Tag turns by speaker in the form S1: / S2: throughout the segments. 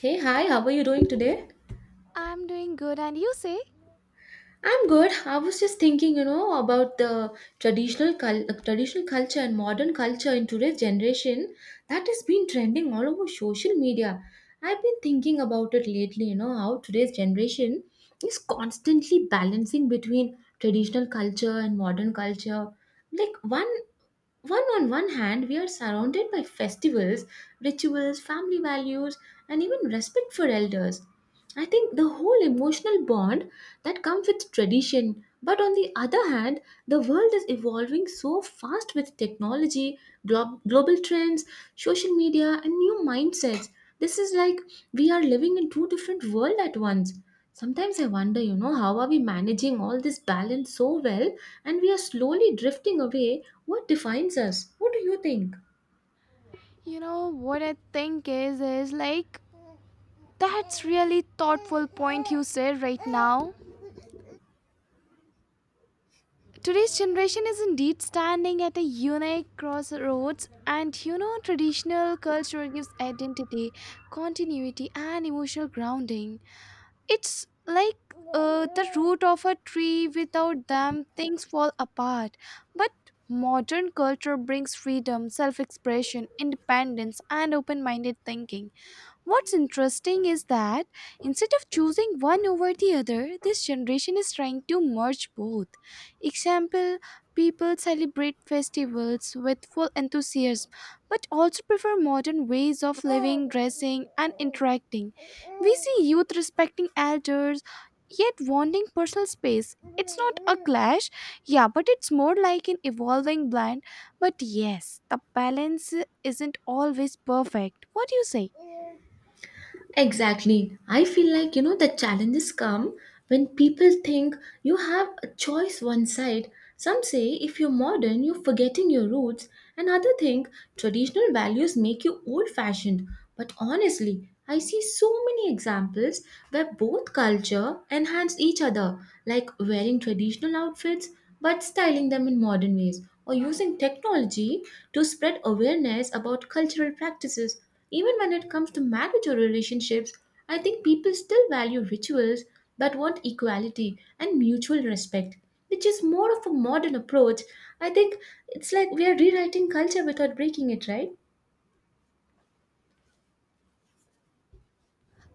S1: Hey, hi, how are you doing today?
S2: I'm doing good and you say,
S1: I'm good. I was just thinking, you know, about the traditional culture and modern culture in today's generation that has been trending all over social media. I've been thinking about it lately, you know, how today's generation is constantly balancing between traditional culture and modern culture. Like one One on one hand, we are surrounded by festivals, rituals, family values, and even respect for elders. I think the whole emotional bond that comes with tradition. But on the other hand, the world is evolving so fast with technology, global trends, social media, and new mindsets. This is like we are living in two different worlds at once. Sometimes I wonder, you know, how are we managing all this balance so well and we are slowly drifting away what defines us, what do you think?
S2: you know what I think is like that's really thoughtful point you said right now. Today's generation is indeed standing at a unique crossroads, and you know, traditional culture gives identity, continuity, and emotional grounding. It's like the root of a tree. Without them, things fall apart. But modern culture brings freedom, self expression, independence, and open minded thinking. What's interesting is that instead of choosing one over the other, this generation is trying to merge both. Example, people celebrate festivals with full enthusiasm but also prefer modern ways of living, dressing, and interacting. We see youth respecting elders yet wanting personal space. It's not a clash, yeah, but it's more like an evolving blend. But yes, the balance isn't always perfect. What do you say?
S1: Exactly. I feel like, you know, the challenges come when people think you have a choice one side. Some say if you're modern, you're forgetting your roots, and others think traditional values make you old fashioned. But honestly, I see so many examples where both culture enhance each other, like wearing traditional outfits but styling them in modern ways, or using technology to spread awareness about cultural practices. Even when it comes to marriage or relationships, I think people still value rituals but want equality and mutual respect, which is more of a modern approach. I think it's like we are rewriting culture without breaking it, right?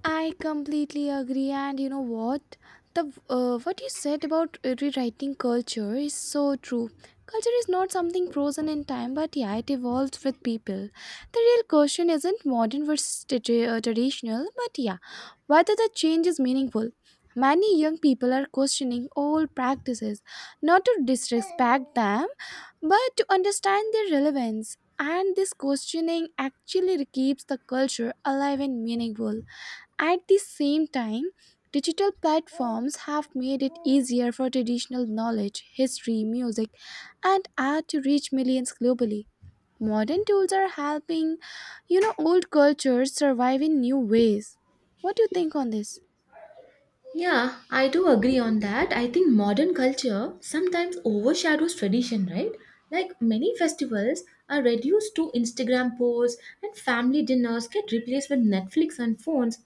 S2: I completely agree, and you know what? The What you said about rewriting culture is so true. Culture is not something frozen in time, but yeah, it evolves with people. The real question isn't modern versus traditional, but yeah, whether the change is meaningful. Many young people are questioning old practices, not to disrespect them, but to understand their relevance. And this questioning actually keeps the culture alive and meaningful. At the same time, digital platforms have made it easier for traditional knowledge, history, music, and art to reach millions globally. Modern tools are helping, you know, old cultures survive in new ways. What do you think on this?
S1: Yeah, I do agree on that. I think modern culture sometimes overshadows tradition, right? Like many festivals are reduced to Instagram posts and family dinners get replaced with Netflix and phones.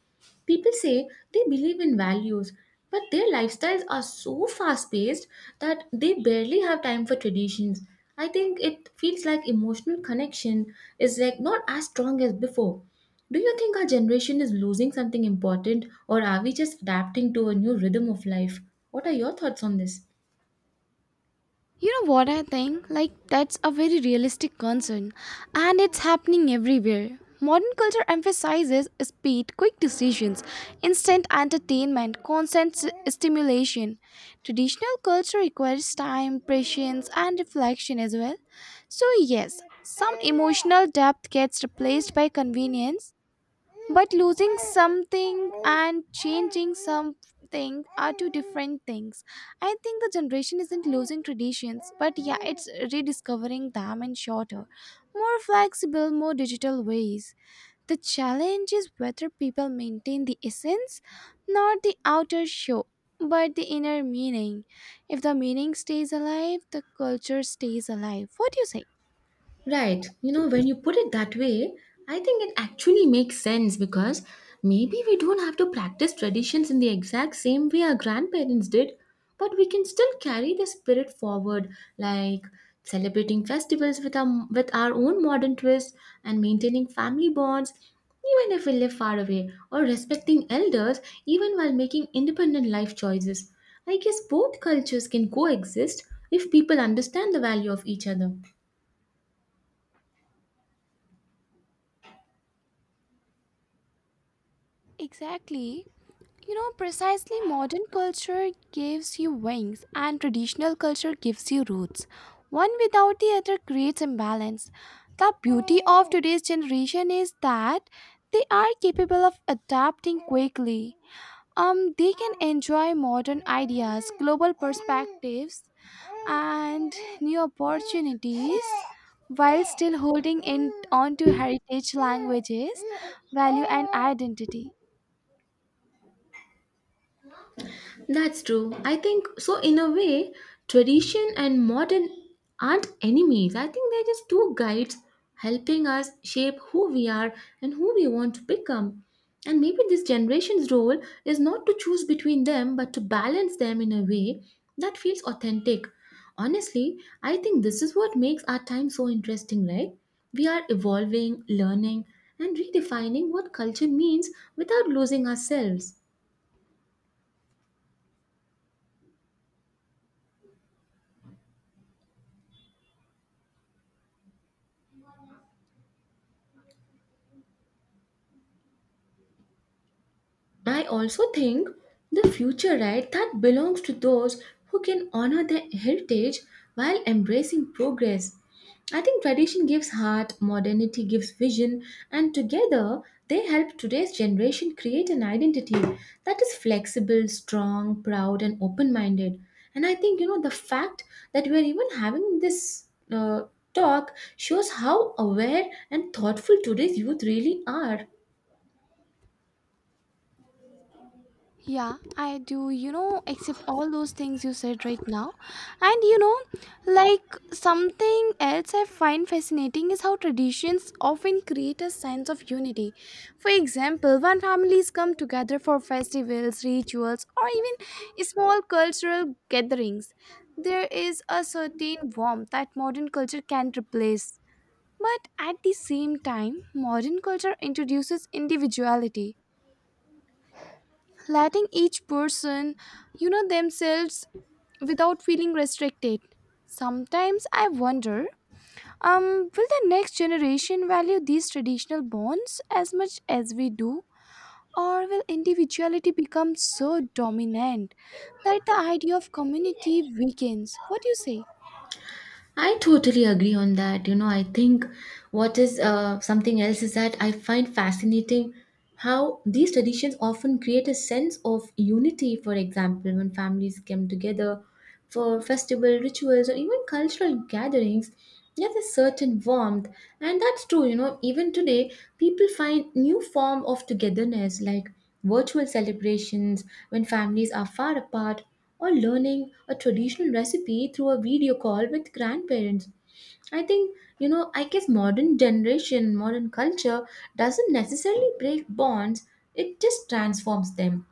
S1: People say they believe in values, but their lifestyles are so fast paced that they barely have time for traditions. I think it feels like emotional connection is like not as strong as before. Do you think our generation is losing something important or are we just adapting to a new rhythm of life? What are your thoughts on this?
S2: You know what I think? Like, that's a very realistic concern, and it's happening everywhere. Modern culture emphasizes speed, quick decisions, instant entertainment, constant stimulation. Traditional culture requires time, patience, and reflection as well. So, yes, some emotional depth gets replaced by convenience, but losing something and changing something are two different things. I think the generation isn't losing traditions, but yeah, it's rediscovering them in shorter, more flexible, more digital ways. The challenge is whether people maintain the essence, not the outer show, but the inner meaning. If the meaning stays alive, the culture stays alive. What do you say?
S1: Right. You know, when you put it that way, I think it actually makes sense because maybe we don't have to practice traditions in the exact same way our grandparents did, but we can still carry the spirit forward, like celebrating festivals with with our own modern twists and maintaining family bonds, even if we live far away, or respecting elders even while making independent life choices. I guess both cultures can coexist if people understand the value of each other.
S2: Exactly. You know, precisely modern culture gives you wings and traditional culture gives you roots. One without the other creates imbalance. The beauty of today's generation is that they are capable of adapting quickly. They can enjoy modern ideas, global perspectives, and new opportunities while still holding in on to heritage languages, value, and identity.
S1: That's true. I think so. In a way, tradition and modern aren't enemies. I think they're just two guides helping us shape who we are and who we want to become. And maybe this generation's role is not to choose between them, but to balance them in a way that feels authentic. Honestly, I think this is what makes our time so interesting, right? We are evolving, learning, and redefining what culture means without losing ourselves. I also think the future right that belongs to those who can honor their heritage while embracing progress. I think tradition gives heart, modernity gives vision, and together they help today's generation create an identity that is flexible, strong, proud, and open minded. And I think, you know, the fact that we're even having this uh, talk shows how aware and thoughtful today's youth really are.
S2: Yeah, I do, you know, except all those things you said right now. And you know, like something else I find fascinating is how traditions often create a sense of unity. For example, when families come together for festivals, rituals, or even small cultural gatherings, there is a certain warmth that modern culture can't replace. But at the same time, modern culture introduces individuality, letting each person, you know, themselves without feeling restricted. Sometimes I wonder, um will the next generation value these traditional bonds as much as we do, or will individuality become so dominant that the idea of community weakens? What do you say?
S1: I totally agree on that. You know, I think what is something else is that I find fascinating how these traditions often create a sense of unity. For example, when families come together for festival rituals or even cultural gatherings, there's a certain warmth, and that's true. You know, even today, people find new form of togetherness like virtual celebrations when families are far apart or learning a traditional recipe through a video call with grandparents. I think, you know, I guess modern culture doesn't necessarily break bonds, it just transforms them.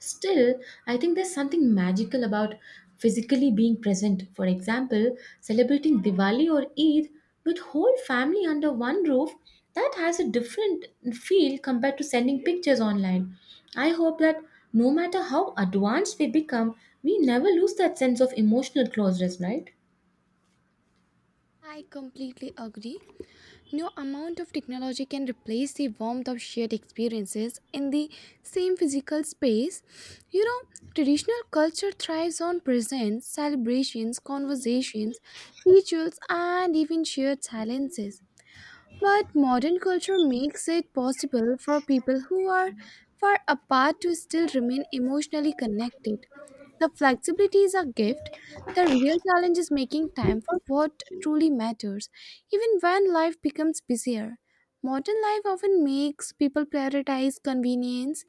S1: Still, I think there's something magical about physically being present. For example, celebrating Diwali or Eid with whole family under one roof, that has a different feel compared to sending pictures online. I hope that no matter how advanced we become, we never lose that sense of emotional closeness, right?
S2: I completely agree. No amount of technology can replace the warmth of shared experiences in the same physical space. You know, traditional culture thrives on presents, celebrations, conversations, rituals, and even shared silences. But modern culture makes it possible for people who are far apart to still remain emotionally connected. The flexibility is a gift. The real challenge is making time for what truly matters, even when life becomes busier. Modern life often makes people prioritize convenience,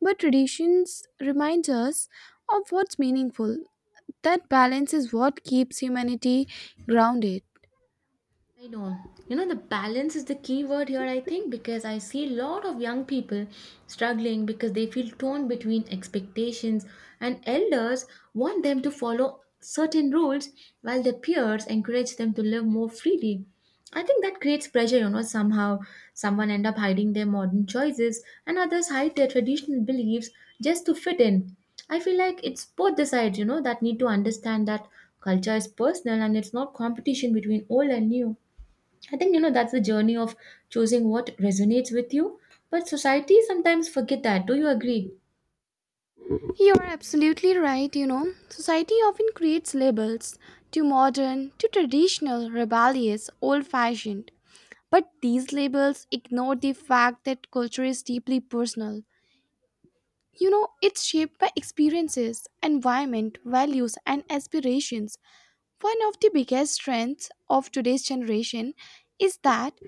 S2: but traditions remind us of what's meaningful. That balance is what keeps humanity grounded.
S1: I know. You know, the balance is the key word here, I think, because I see a lot of young people struggling because they feel torn between expectations, and elders want them to follow certain rules while their peers encourage them to live more freely. I think that creates pressure, you know, somehow someone end up hiding their modern choices and others hide their traditional beliefs just to fit in. I feel like it's both the sides, you know, that need to understand that culture is personal and it's not competition between old and new. I think you know that's the journey of choosing what resonates with you. But society sometimes forget that. Do you agree?
S2: You're absolutely right, you know. Society often creates labels: too modern, too traditional, rebellious, old fashioned. But these labels ignore the fact that culture is deeply personal. You know, it's shaped by experiences, environment, values, and aspirations. One of the biggest strengths of today's generation is that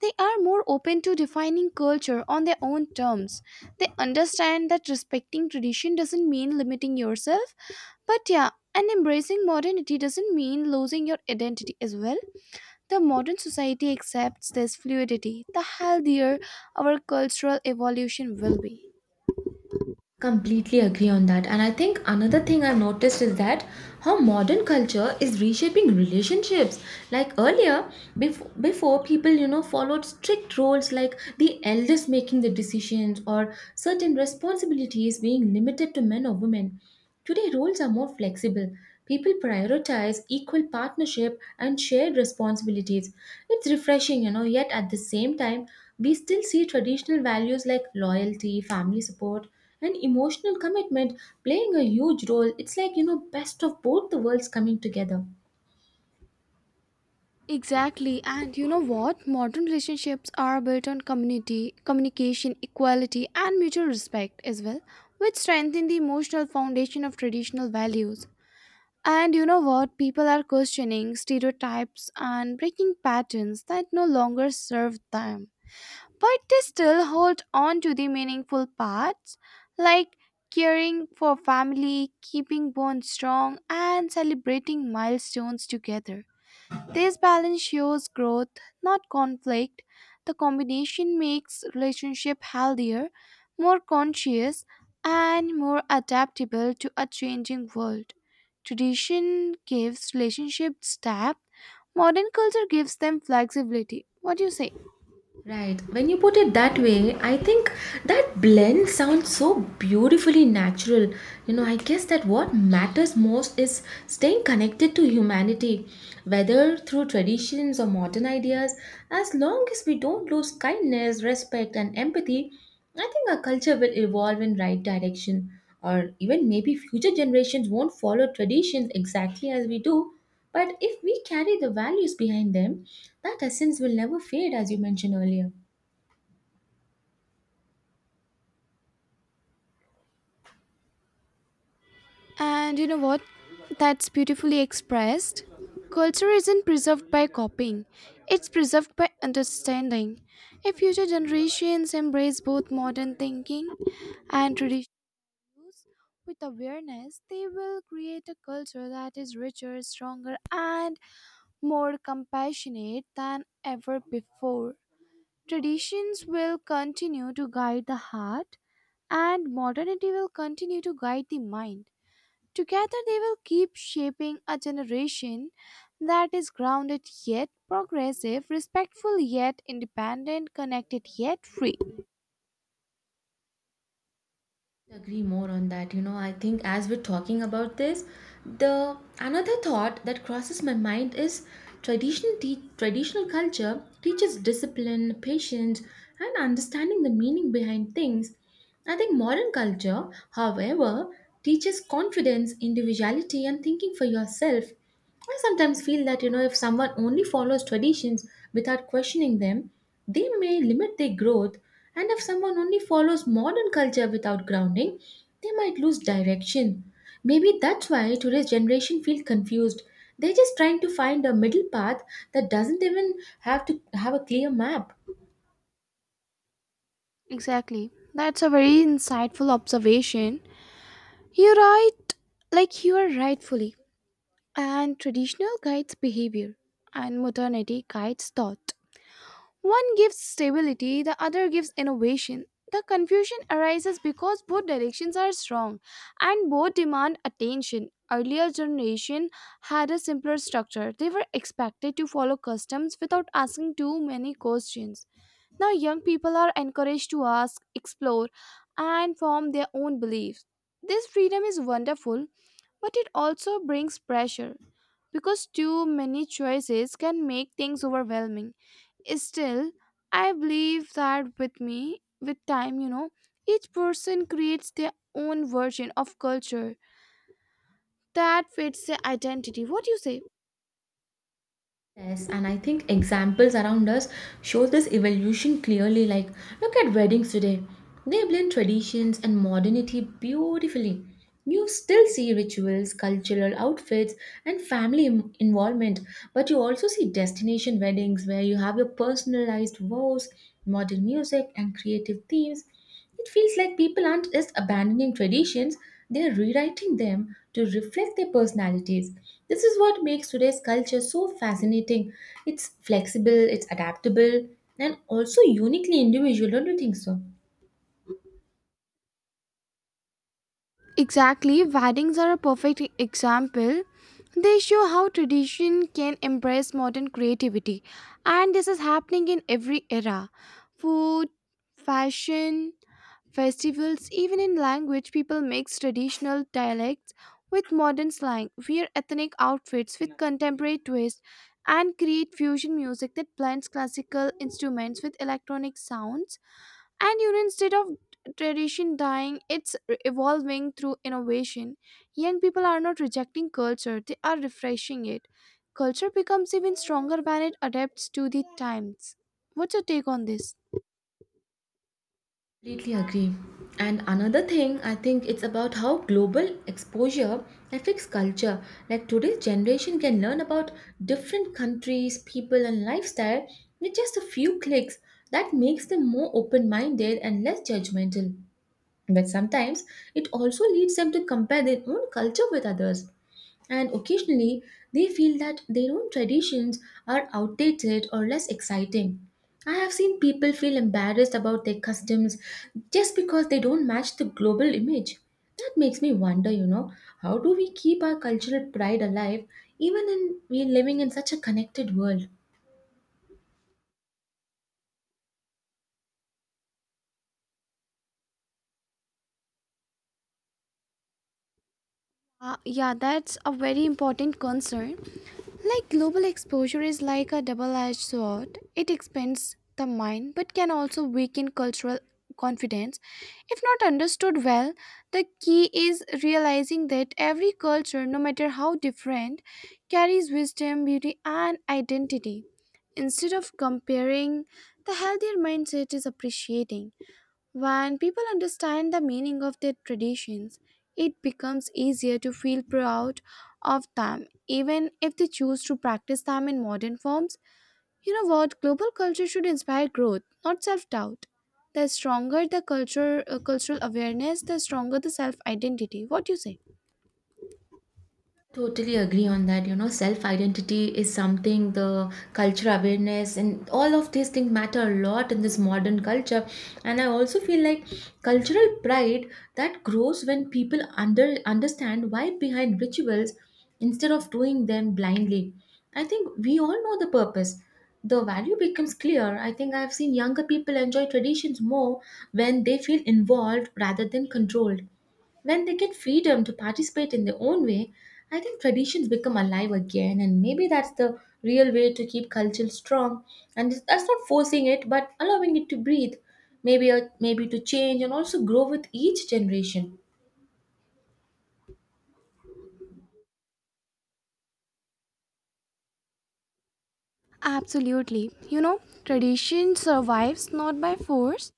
S2: they are more open to defining culture on their own terms. They understand that respecting tradition doesn't mean limiting yourself, but yeah, and embracing modernity doesn't mean losing your identity as well. The modern society accepts this fluidity, the healthier our cultural evolution will be.
S1: Completely agree on that. And I think another thing I've noticed is that how modern culture is reshaping relationships. Like earlier, before people, you know, followed strict roles like the eldest making the decisions or certain responsibilities being limited to men or women. Today, roles are more flexible. People prioritize equal partnership and shared responsibilities. It's refreshing, you know, yet at the same time, we still see traditional values like loyalty, family support and emotional commitment playing a huge role. It's like, you know, best of both the worlds coming together.
S2: Exactly. And you know what? Modern relationships are built on community, communication, equality, and mutual respect as well, which strengthen the emotional foundation of traditional values. And you know what? People are questioning stereotypes and breaking patterns that no longer serve them. But they still hold on to the meaningful parts like caring for family, keeping bonds strong, and celebrating milestones together. This balance shows growth, not conflict. The combination makes relationship healthier, more conscious, and more adaptable to a changing world. Tradition gives relationships depth, modern culture gives them flexibility. What do you say?
S1: Right. When you put it that way, I think that blend sounds so beautifully natural. You know, I guess that what matters most is staying connected to humanity, whether through traditions or modern ideas. As long as we don't lose kindness, respect, and empathy, I think our culture will evolve in right direction. Or even maybe future generations won't follow traditions exactly as we do, but if we carry the values behind them, that essence will never fade, as you mentioned earlier.
S2: And you know what? That's beautifully expressed. Culture isn't preserved by copying, it's preserved by understanding. If future generations embrace both modern thinking and traditions with awareness, they will create a culture that is richer, stronger, and more compassionate than ever before. Traditions will continue to guide the heart, and modernity will continue to guide the mind. Together, they will keep shaping a generation that is grounded yet progressive, respectful yet independent, connected yet free.
S1: Agree more on that. You know, I think as we're talking about this, the another thought that crosses my mind is traditional culture teaches discipline, patience, and understanding the meaning behind things. I think modern culture, however, teaches confidence, individuality, and thinking for yourself. I sometimes feel that you know if someone only follows traditions without questioning them, they may limit their growth, and if someone only follows modern culture without grounding, they might lose direction. Maybe that's why today's generation feel confused. They're just trying to find a middle path that doesn't even have to have a clear map.
S2: Exactly. That's a very insightful observation. You're right, like you are rightfully. And traditional guides behavior, and modernity guides thought. One gives stability, the other gives innovation. The confusion arises because both directions are strong and both demand attention. Earlier generation had a simpler structure. They were expected to follow customs without asking too many questions. Now young people are encouraged to ask, explore, and form their own beliefs. This freedom is wonderful, but it also brings pressure because too many choices can make things overwhelming. Still, I believe that with me, with time, you know, each person creates their own version of culture that fits their identity. What do you say?
S1: Yes, and I think examples around us show this evolution clearly. Like, look at weddings today. They blend traditions and modernity beautifully. You still see rituals, cultural outfits, and involvement, but you also see destination weddings where you have your personalized vows, modern music, and creative themes. It feels like people aren't just abandoning traditions, they are rewriting them to reflect their personalities. This is what makes today's culture so fascinating. It's flexible, it's adaptable, and also uniquely individual, don't you think so?
S2: Exactly, weddings are a perfect example. They show how tradition can embrace modern creativity, and this is happening in every era: food, fashion, festivals, even in language. People mix traditional dialects with modern slang, wear ethnic outfits with contemporary twists, and create fusion music that blends classical instruments with electronic sounds. And you know, instead of tradition dying, it's evolving through innovation. Young people are not rejecting culture, they are refreshing it. Culture becomes even stronger when it adapts to the times. What's your take on this?
S1: Completely agree. And another thing, I think it's about how global exposure affects culture. Like today's generation can learn about different countries, people, and lifestyle with just a few clicks. That makes them more open minded and less judgmental. But sometimes it also leads them to compare their own culture with others. And occasionally, they feel that their own traditions are outdated or less exciting. I have seen people feel embarrassed about their customs just because they don't match the global image. That makes me wonder, you know, how do we keep our cultural pride alive even in we living in such a connected world?
S2: Yeah, that's a very important concern. Like global exposure is like a double edged sword. It expands the mind but can also weaken cultural confidence. If not understood well, the key is realizing that every culture, no matter how different, carries wisdom, beauty, and identity. Instead of comparing, the healthier mindset is appreciating. When people understand the meaning of their traditions, it becomes easier to feel proud of them, even if they choose to practice them in modern forms. You know what? Global culture should inspire growth, not self doubt. The stronger the culture, cultural awareness, the stronger the self identity. What do you say?
S1: Totally agree on that. You know, self identity is something the culture awareness and all of these things matter a lot in this modern culture. And I also feel like cultural pride that grows when people understand why behind rituals instead of doing them blindly. I think we all know the purpose. The value becomes clear. I think I've seen younger people enjoy traditions more when they feel involved rather than controlled. When they get freedom to participate in their own way, I think traditions become alive again, and maybe that's the real way to keep culture strong. And that's not forcing it, but allowing it to breathe, maybe to change and also grow with each generation.
S2: Absolutely. You know, tradition survives not by force,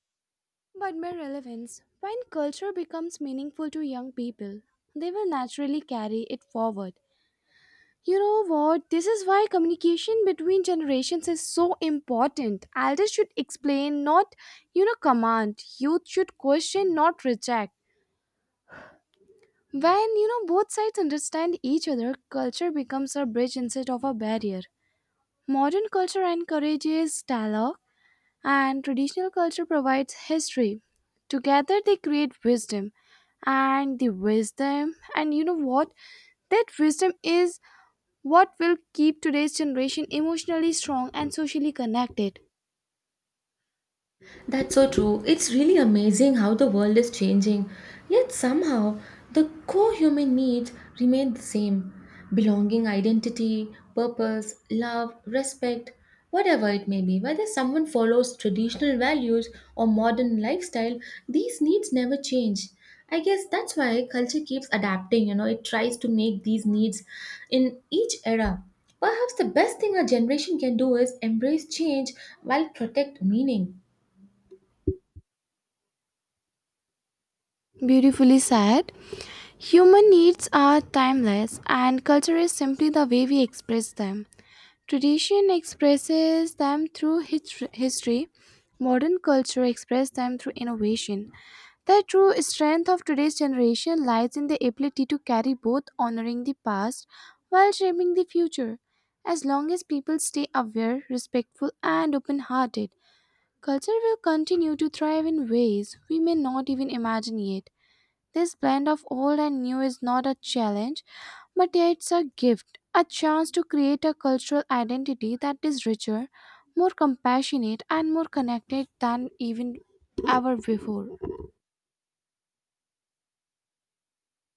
S2: but by relevance. When culture becomes meaningful to young people, they will naturally carry it forward. You know what? This is why communication between generations is so important. Elders should explain, not, you know, command. Youth should question, not reject. When, you know, both sides understand each other, culture becomes a bridge instead of a barrier. Modern culture encourages dialogue, and traditional culture provides history. Together, they create wisdom. And the wisdom, and you know what? That wisdom is what will keep today's generation emotionally strong and socially connected.
S1: That's so true. It's really amazing how the world is changing, yet somehow the core human needs remain the same belonging, identity, purpose, love, respect, whatever it may be. Whether someone follows traditional values or modern lifestyle, these needs never change. I guess that's why culture keeps adapting, you know, it tries to make these needs in each era. Perhaps the best thing a generation can do is embrace change while protect meaning.
S2: Beautifully said. Human needs are timeless, and culture is simply the way we express them. Tradition expresses them through history. Modern culture expresses them through innovation. The true strength of today's generation lies in the ability to carry both, honoring the past while shaping the future. As long as people stay aware, respectful, and open hearted, culture will continue to thrive in ways we may not even imagine yet. This blend of old and new is not a challenge, but it's a gift, a chance to create a cultural identity that is richer, more compassionate, and more connected than even ever before.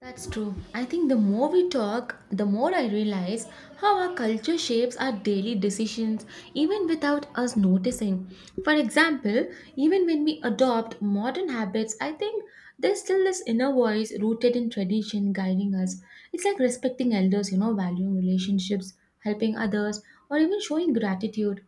S1: That's true. I think the more we talk, the more I realize how our culture shapes our daily decisions even without us noticing. For example, even when we adopt modern habits, I think there's still this inner voice rooted in tradition guiding us. It's like respecting elders, you know, valuing relationships, helping others, or even showing gratitude.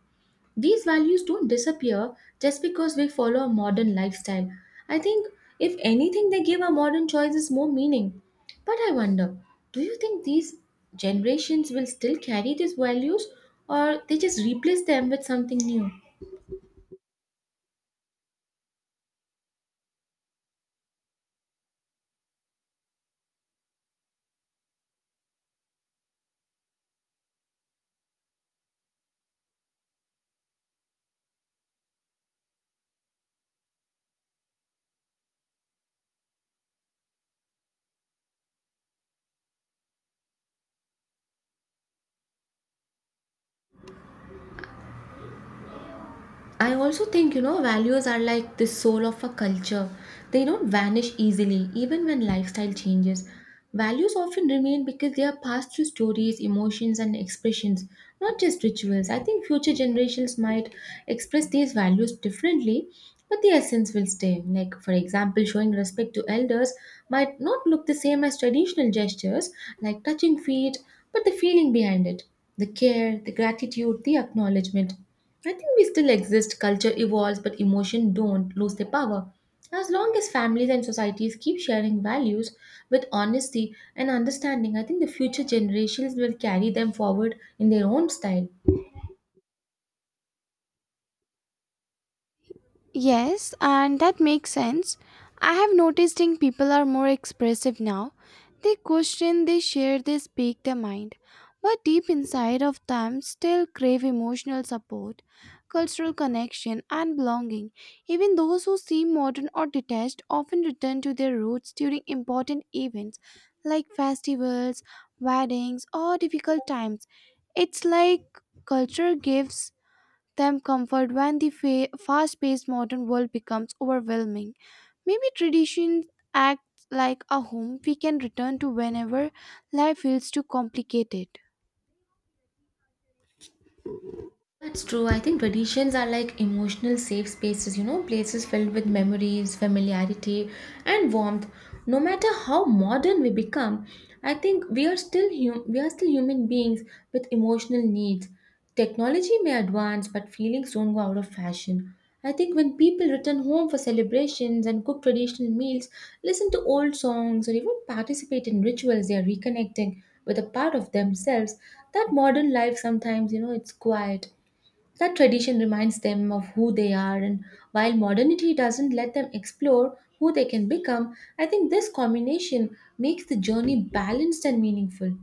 S1: These values don't disappear just because we follow a modern lifestyle. I think, if anything, they give our modern choices more meaning. But I wonder, do you think these generations will still carry these values or they just replace them with something new? I also think, you know, values are like the soul of a culture. They don't vanish easily, even when lifestyle changes. Values often remain because they are passed through stories, emotions, and expressions, not just rituals. I think future generations might express these values differently, but the essence will stay. Like, for example, showing respect to elders might not look the same as traditional gestures, like touching feet, but the feeling behind it, the care, the gratitude, the acknowledgement. I think we still exist, culture evolves, but emotion don't lose their power. As long as families and societies keep sharing values with honesty and understanding, I think the future generations will carry them forward in their own style.
S2: Yes, and that makes sense. I have noticed in people are more expressive now. They question, they share, they speak their mind. But deep inside of them still crave emotional support, cultural connection, and belonging. Even those who seem modern or detached often return to their roots during important events like festivals, weddings, or difficult times. It's like culture gives them comfort when the fast-paced modern world becomes overwhelming. Maybe traditions act like a home we can return to whenever life feels too complicated.
S1: That's true. I think traditions are like emotional safe spaces, you know, places filled with memories, familiarity, and warmth. No matter how modern we become, I think we are still we are still human beings with emotional needs. Technology may advance, but feelings don't go out of fashion. I think when people return home for celebrations and cook traditional meals, listen to old songs, or even participate in rituals, they are reconnecting with a part of themselves that modern life sometimes, you know, it's quiet, that tradition reminds them of who they are, and while modernity doesn't let them explore who they can become, I think this combination makes the journey balanced and meaningful.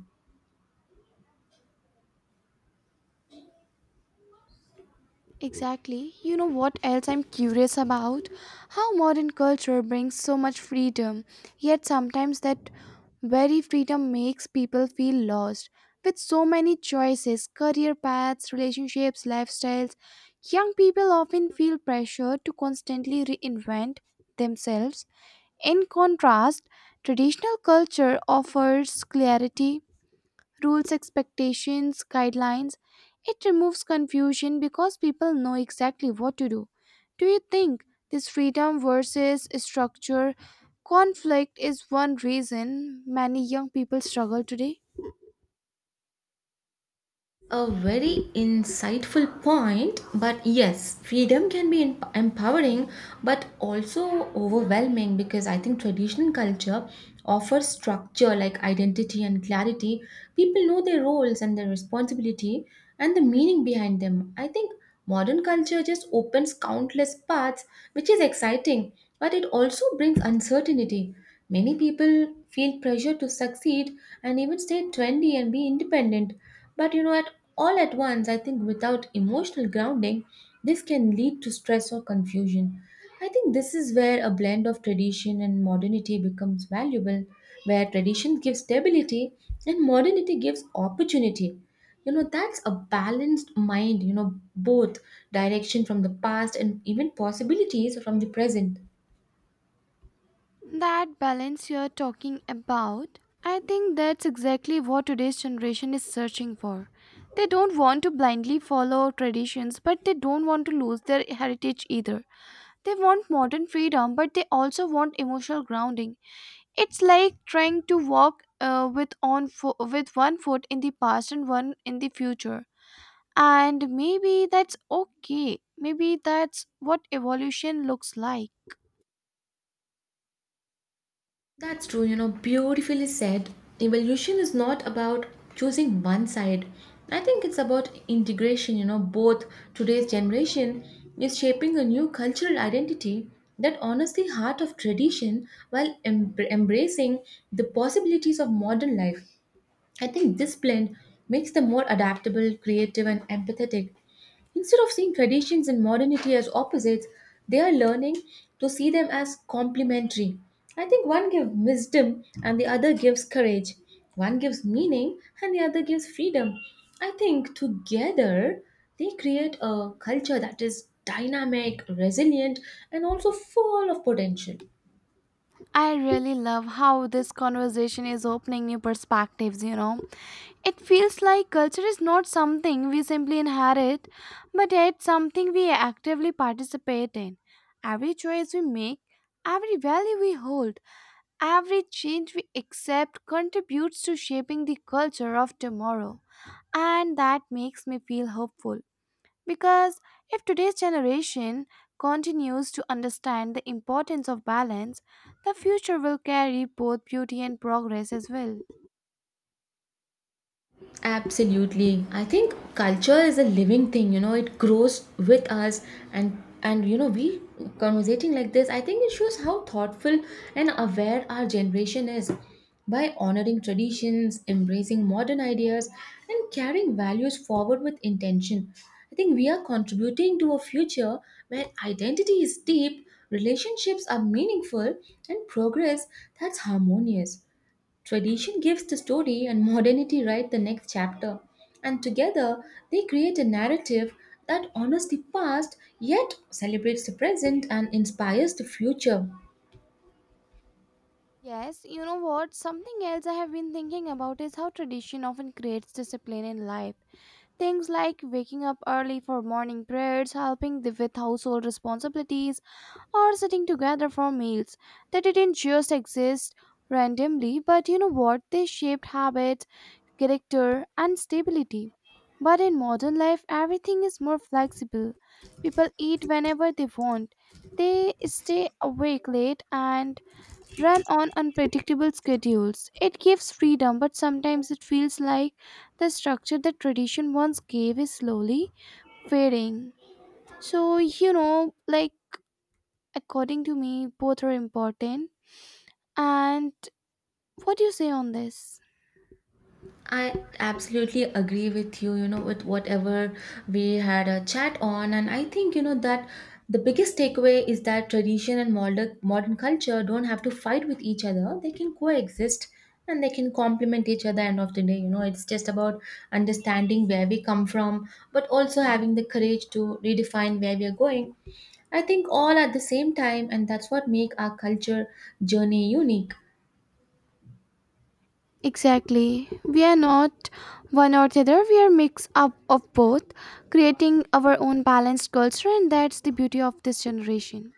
S2: Exactly. You know what else I'm curious about? How modern culture brings so much freedom, yet sometimes that very freedom makes people feel lost. With so many choices, career paths, relationships, lifestyles, young people often feel pressure to constantly reinvent themselves. In contrast, traditional culture offers clarity, rules, expectations, guidelines. It removes confusion because people know exactly what to do. Do you think this freedom versus structure conflict is one reason many young people struggle today?
S1: A very insightful point, but yes, freedom can be empowering but also overwhelming, because I think traditional culture offers structure like identity and clarity. People know their roles and their responsibility and the meaning behind them. I think modern culture just opens countless paths, which is exciting, but it also brings uncertainty. Many people feel pressure to succeed and even stay trendy and be independent. But you know, at all at once, I think without emotional grounding, this can lead to stress or confusion. I think this is where a blend of tradition and modernity becomes valuable, where tradition gives stability and modernity gives opportunity. You know, that's a balanced mind, you know, both direction from the past and even possibilities from the present.
S2: That balance you're talking about, I think that's exactly what today's generation is searching for. They don't want to blindly follow traditions, but they don't want to lose their heritage either. They want modern freedom, but they also want emotional grounding. It's like trying to walk with one foot in the past and one in the future. And maybe that's okay. Maybe that's what evolution looks like.
S1: That's true, you know, beautifully said. Evolution is not about choosing one side. I think it's about integration, you know, both today's generation is shaping a new cultural identity that honors the heart of tradition while embracing the possibilities of modern life. I think this blend makes them more adaptable, creative, and empathetic. Instead of seeing traditions and modernity as opposites, they are learning to see them as complementary. I think one gives wisdom and the other gives courage. One gives meaning and the other gives freedom. I think together they create a culture that is dynamic, resilient, and also full of potential.
S2: I really love how this conversation is opening new perspectives, you know. It feels like culture is not something we simply inherit, but yet something we actively participate in. Every choice we make, every value we hold, every change we accept contributes to shaping the culture of tomorrow. And that makes me feel hopeful. Because if today's generation continues to understand the importance of balance, the future will carry both beauty and progress as well.
S1: Absolutely. I think culture is a living thing, you know, it grows with us, and you know we conversating like this, I think it shows how thoughtful and aware our generation is by honoring traditions, embracing modern ideas and carrying values forward with intention. I think we are contributing to a future where identity is deep, relationships are meaningful and progress that's harmonious. Tradition gives the story and modernity write the next chapter, and together they create a narrative that honors the past yet celebrates the present and inspires the future.
S2: Yes, you know what? Something else I have been thinking about is how tradition often creates discipline in life. Things like waking up early for morning prayers, helping with household responsibilities, or sitting together for meals. They didn't just exist randomly, but you know what? They shaped habits, character, and stability. But in modern life, everything is more flexible. People eat whenever they want, they stay awake late, and run on unpredictable schedules. It gives freedom, but sometimes it feels like the structure that tradition once gave is slowly fading. So, you know, like according to me, both are important. And what do you say on this?
S1: I absolutely agree with you, you know, with whatever we had a chat on. And I think, you know, that the biggest takeaway is that tradition and modern culture don't have to fight with each other. They can coexist and they can complement each other end of the day. You know, it's just about understanding where we come from, but also having the courage to redefine where we are going. I think all at the same time, and that's what make our culture journey unique.
S2: Exactly. We are not one or the other, we are mix up of both, creating our own balanced culture, and that's the beauty of this generation.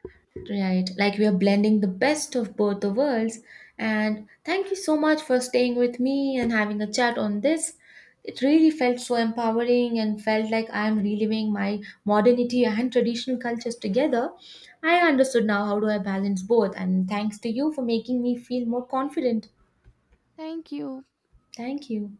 S1: Right, like we are blending the best of both the worlds. And thank you so much for staying with me and having a chat on this. It really felt so empowering and felt like I am reliving my modernity and traditional cultures together. I understood now how do I balance both and thanks to you for making me feel more confident.
S2: Thank you.
S1: Thank you.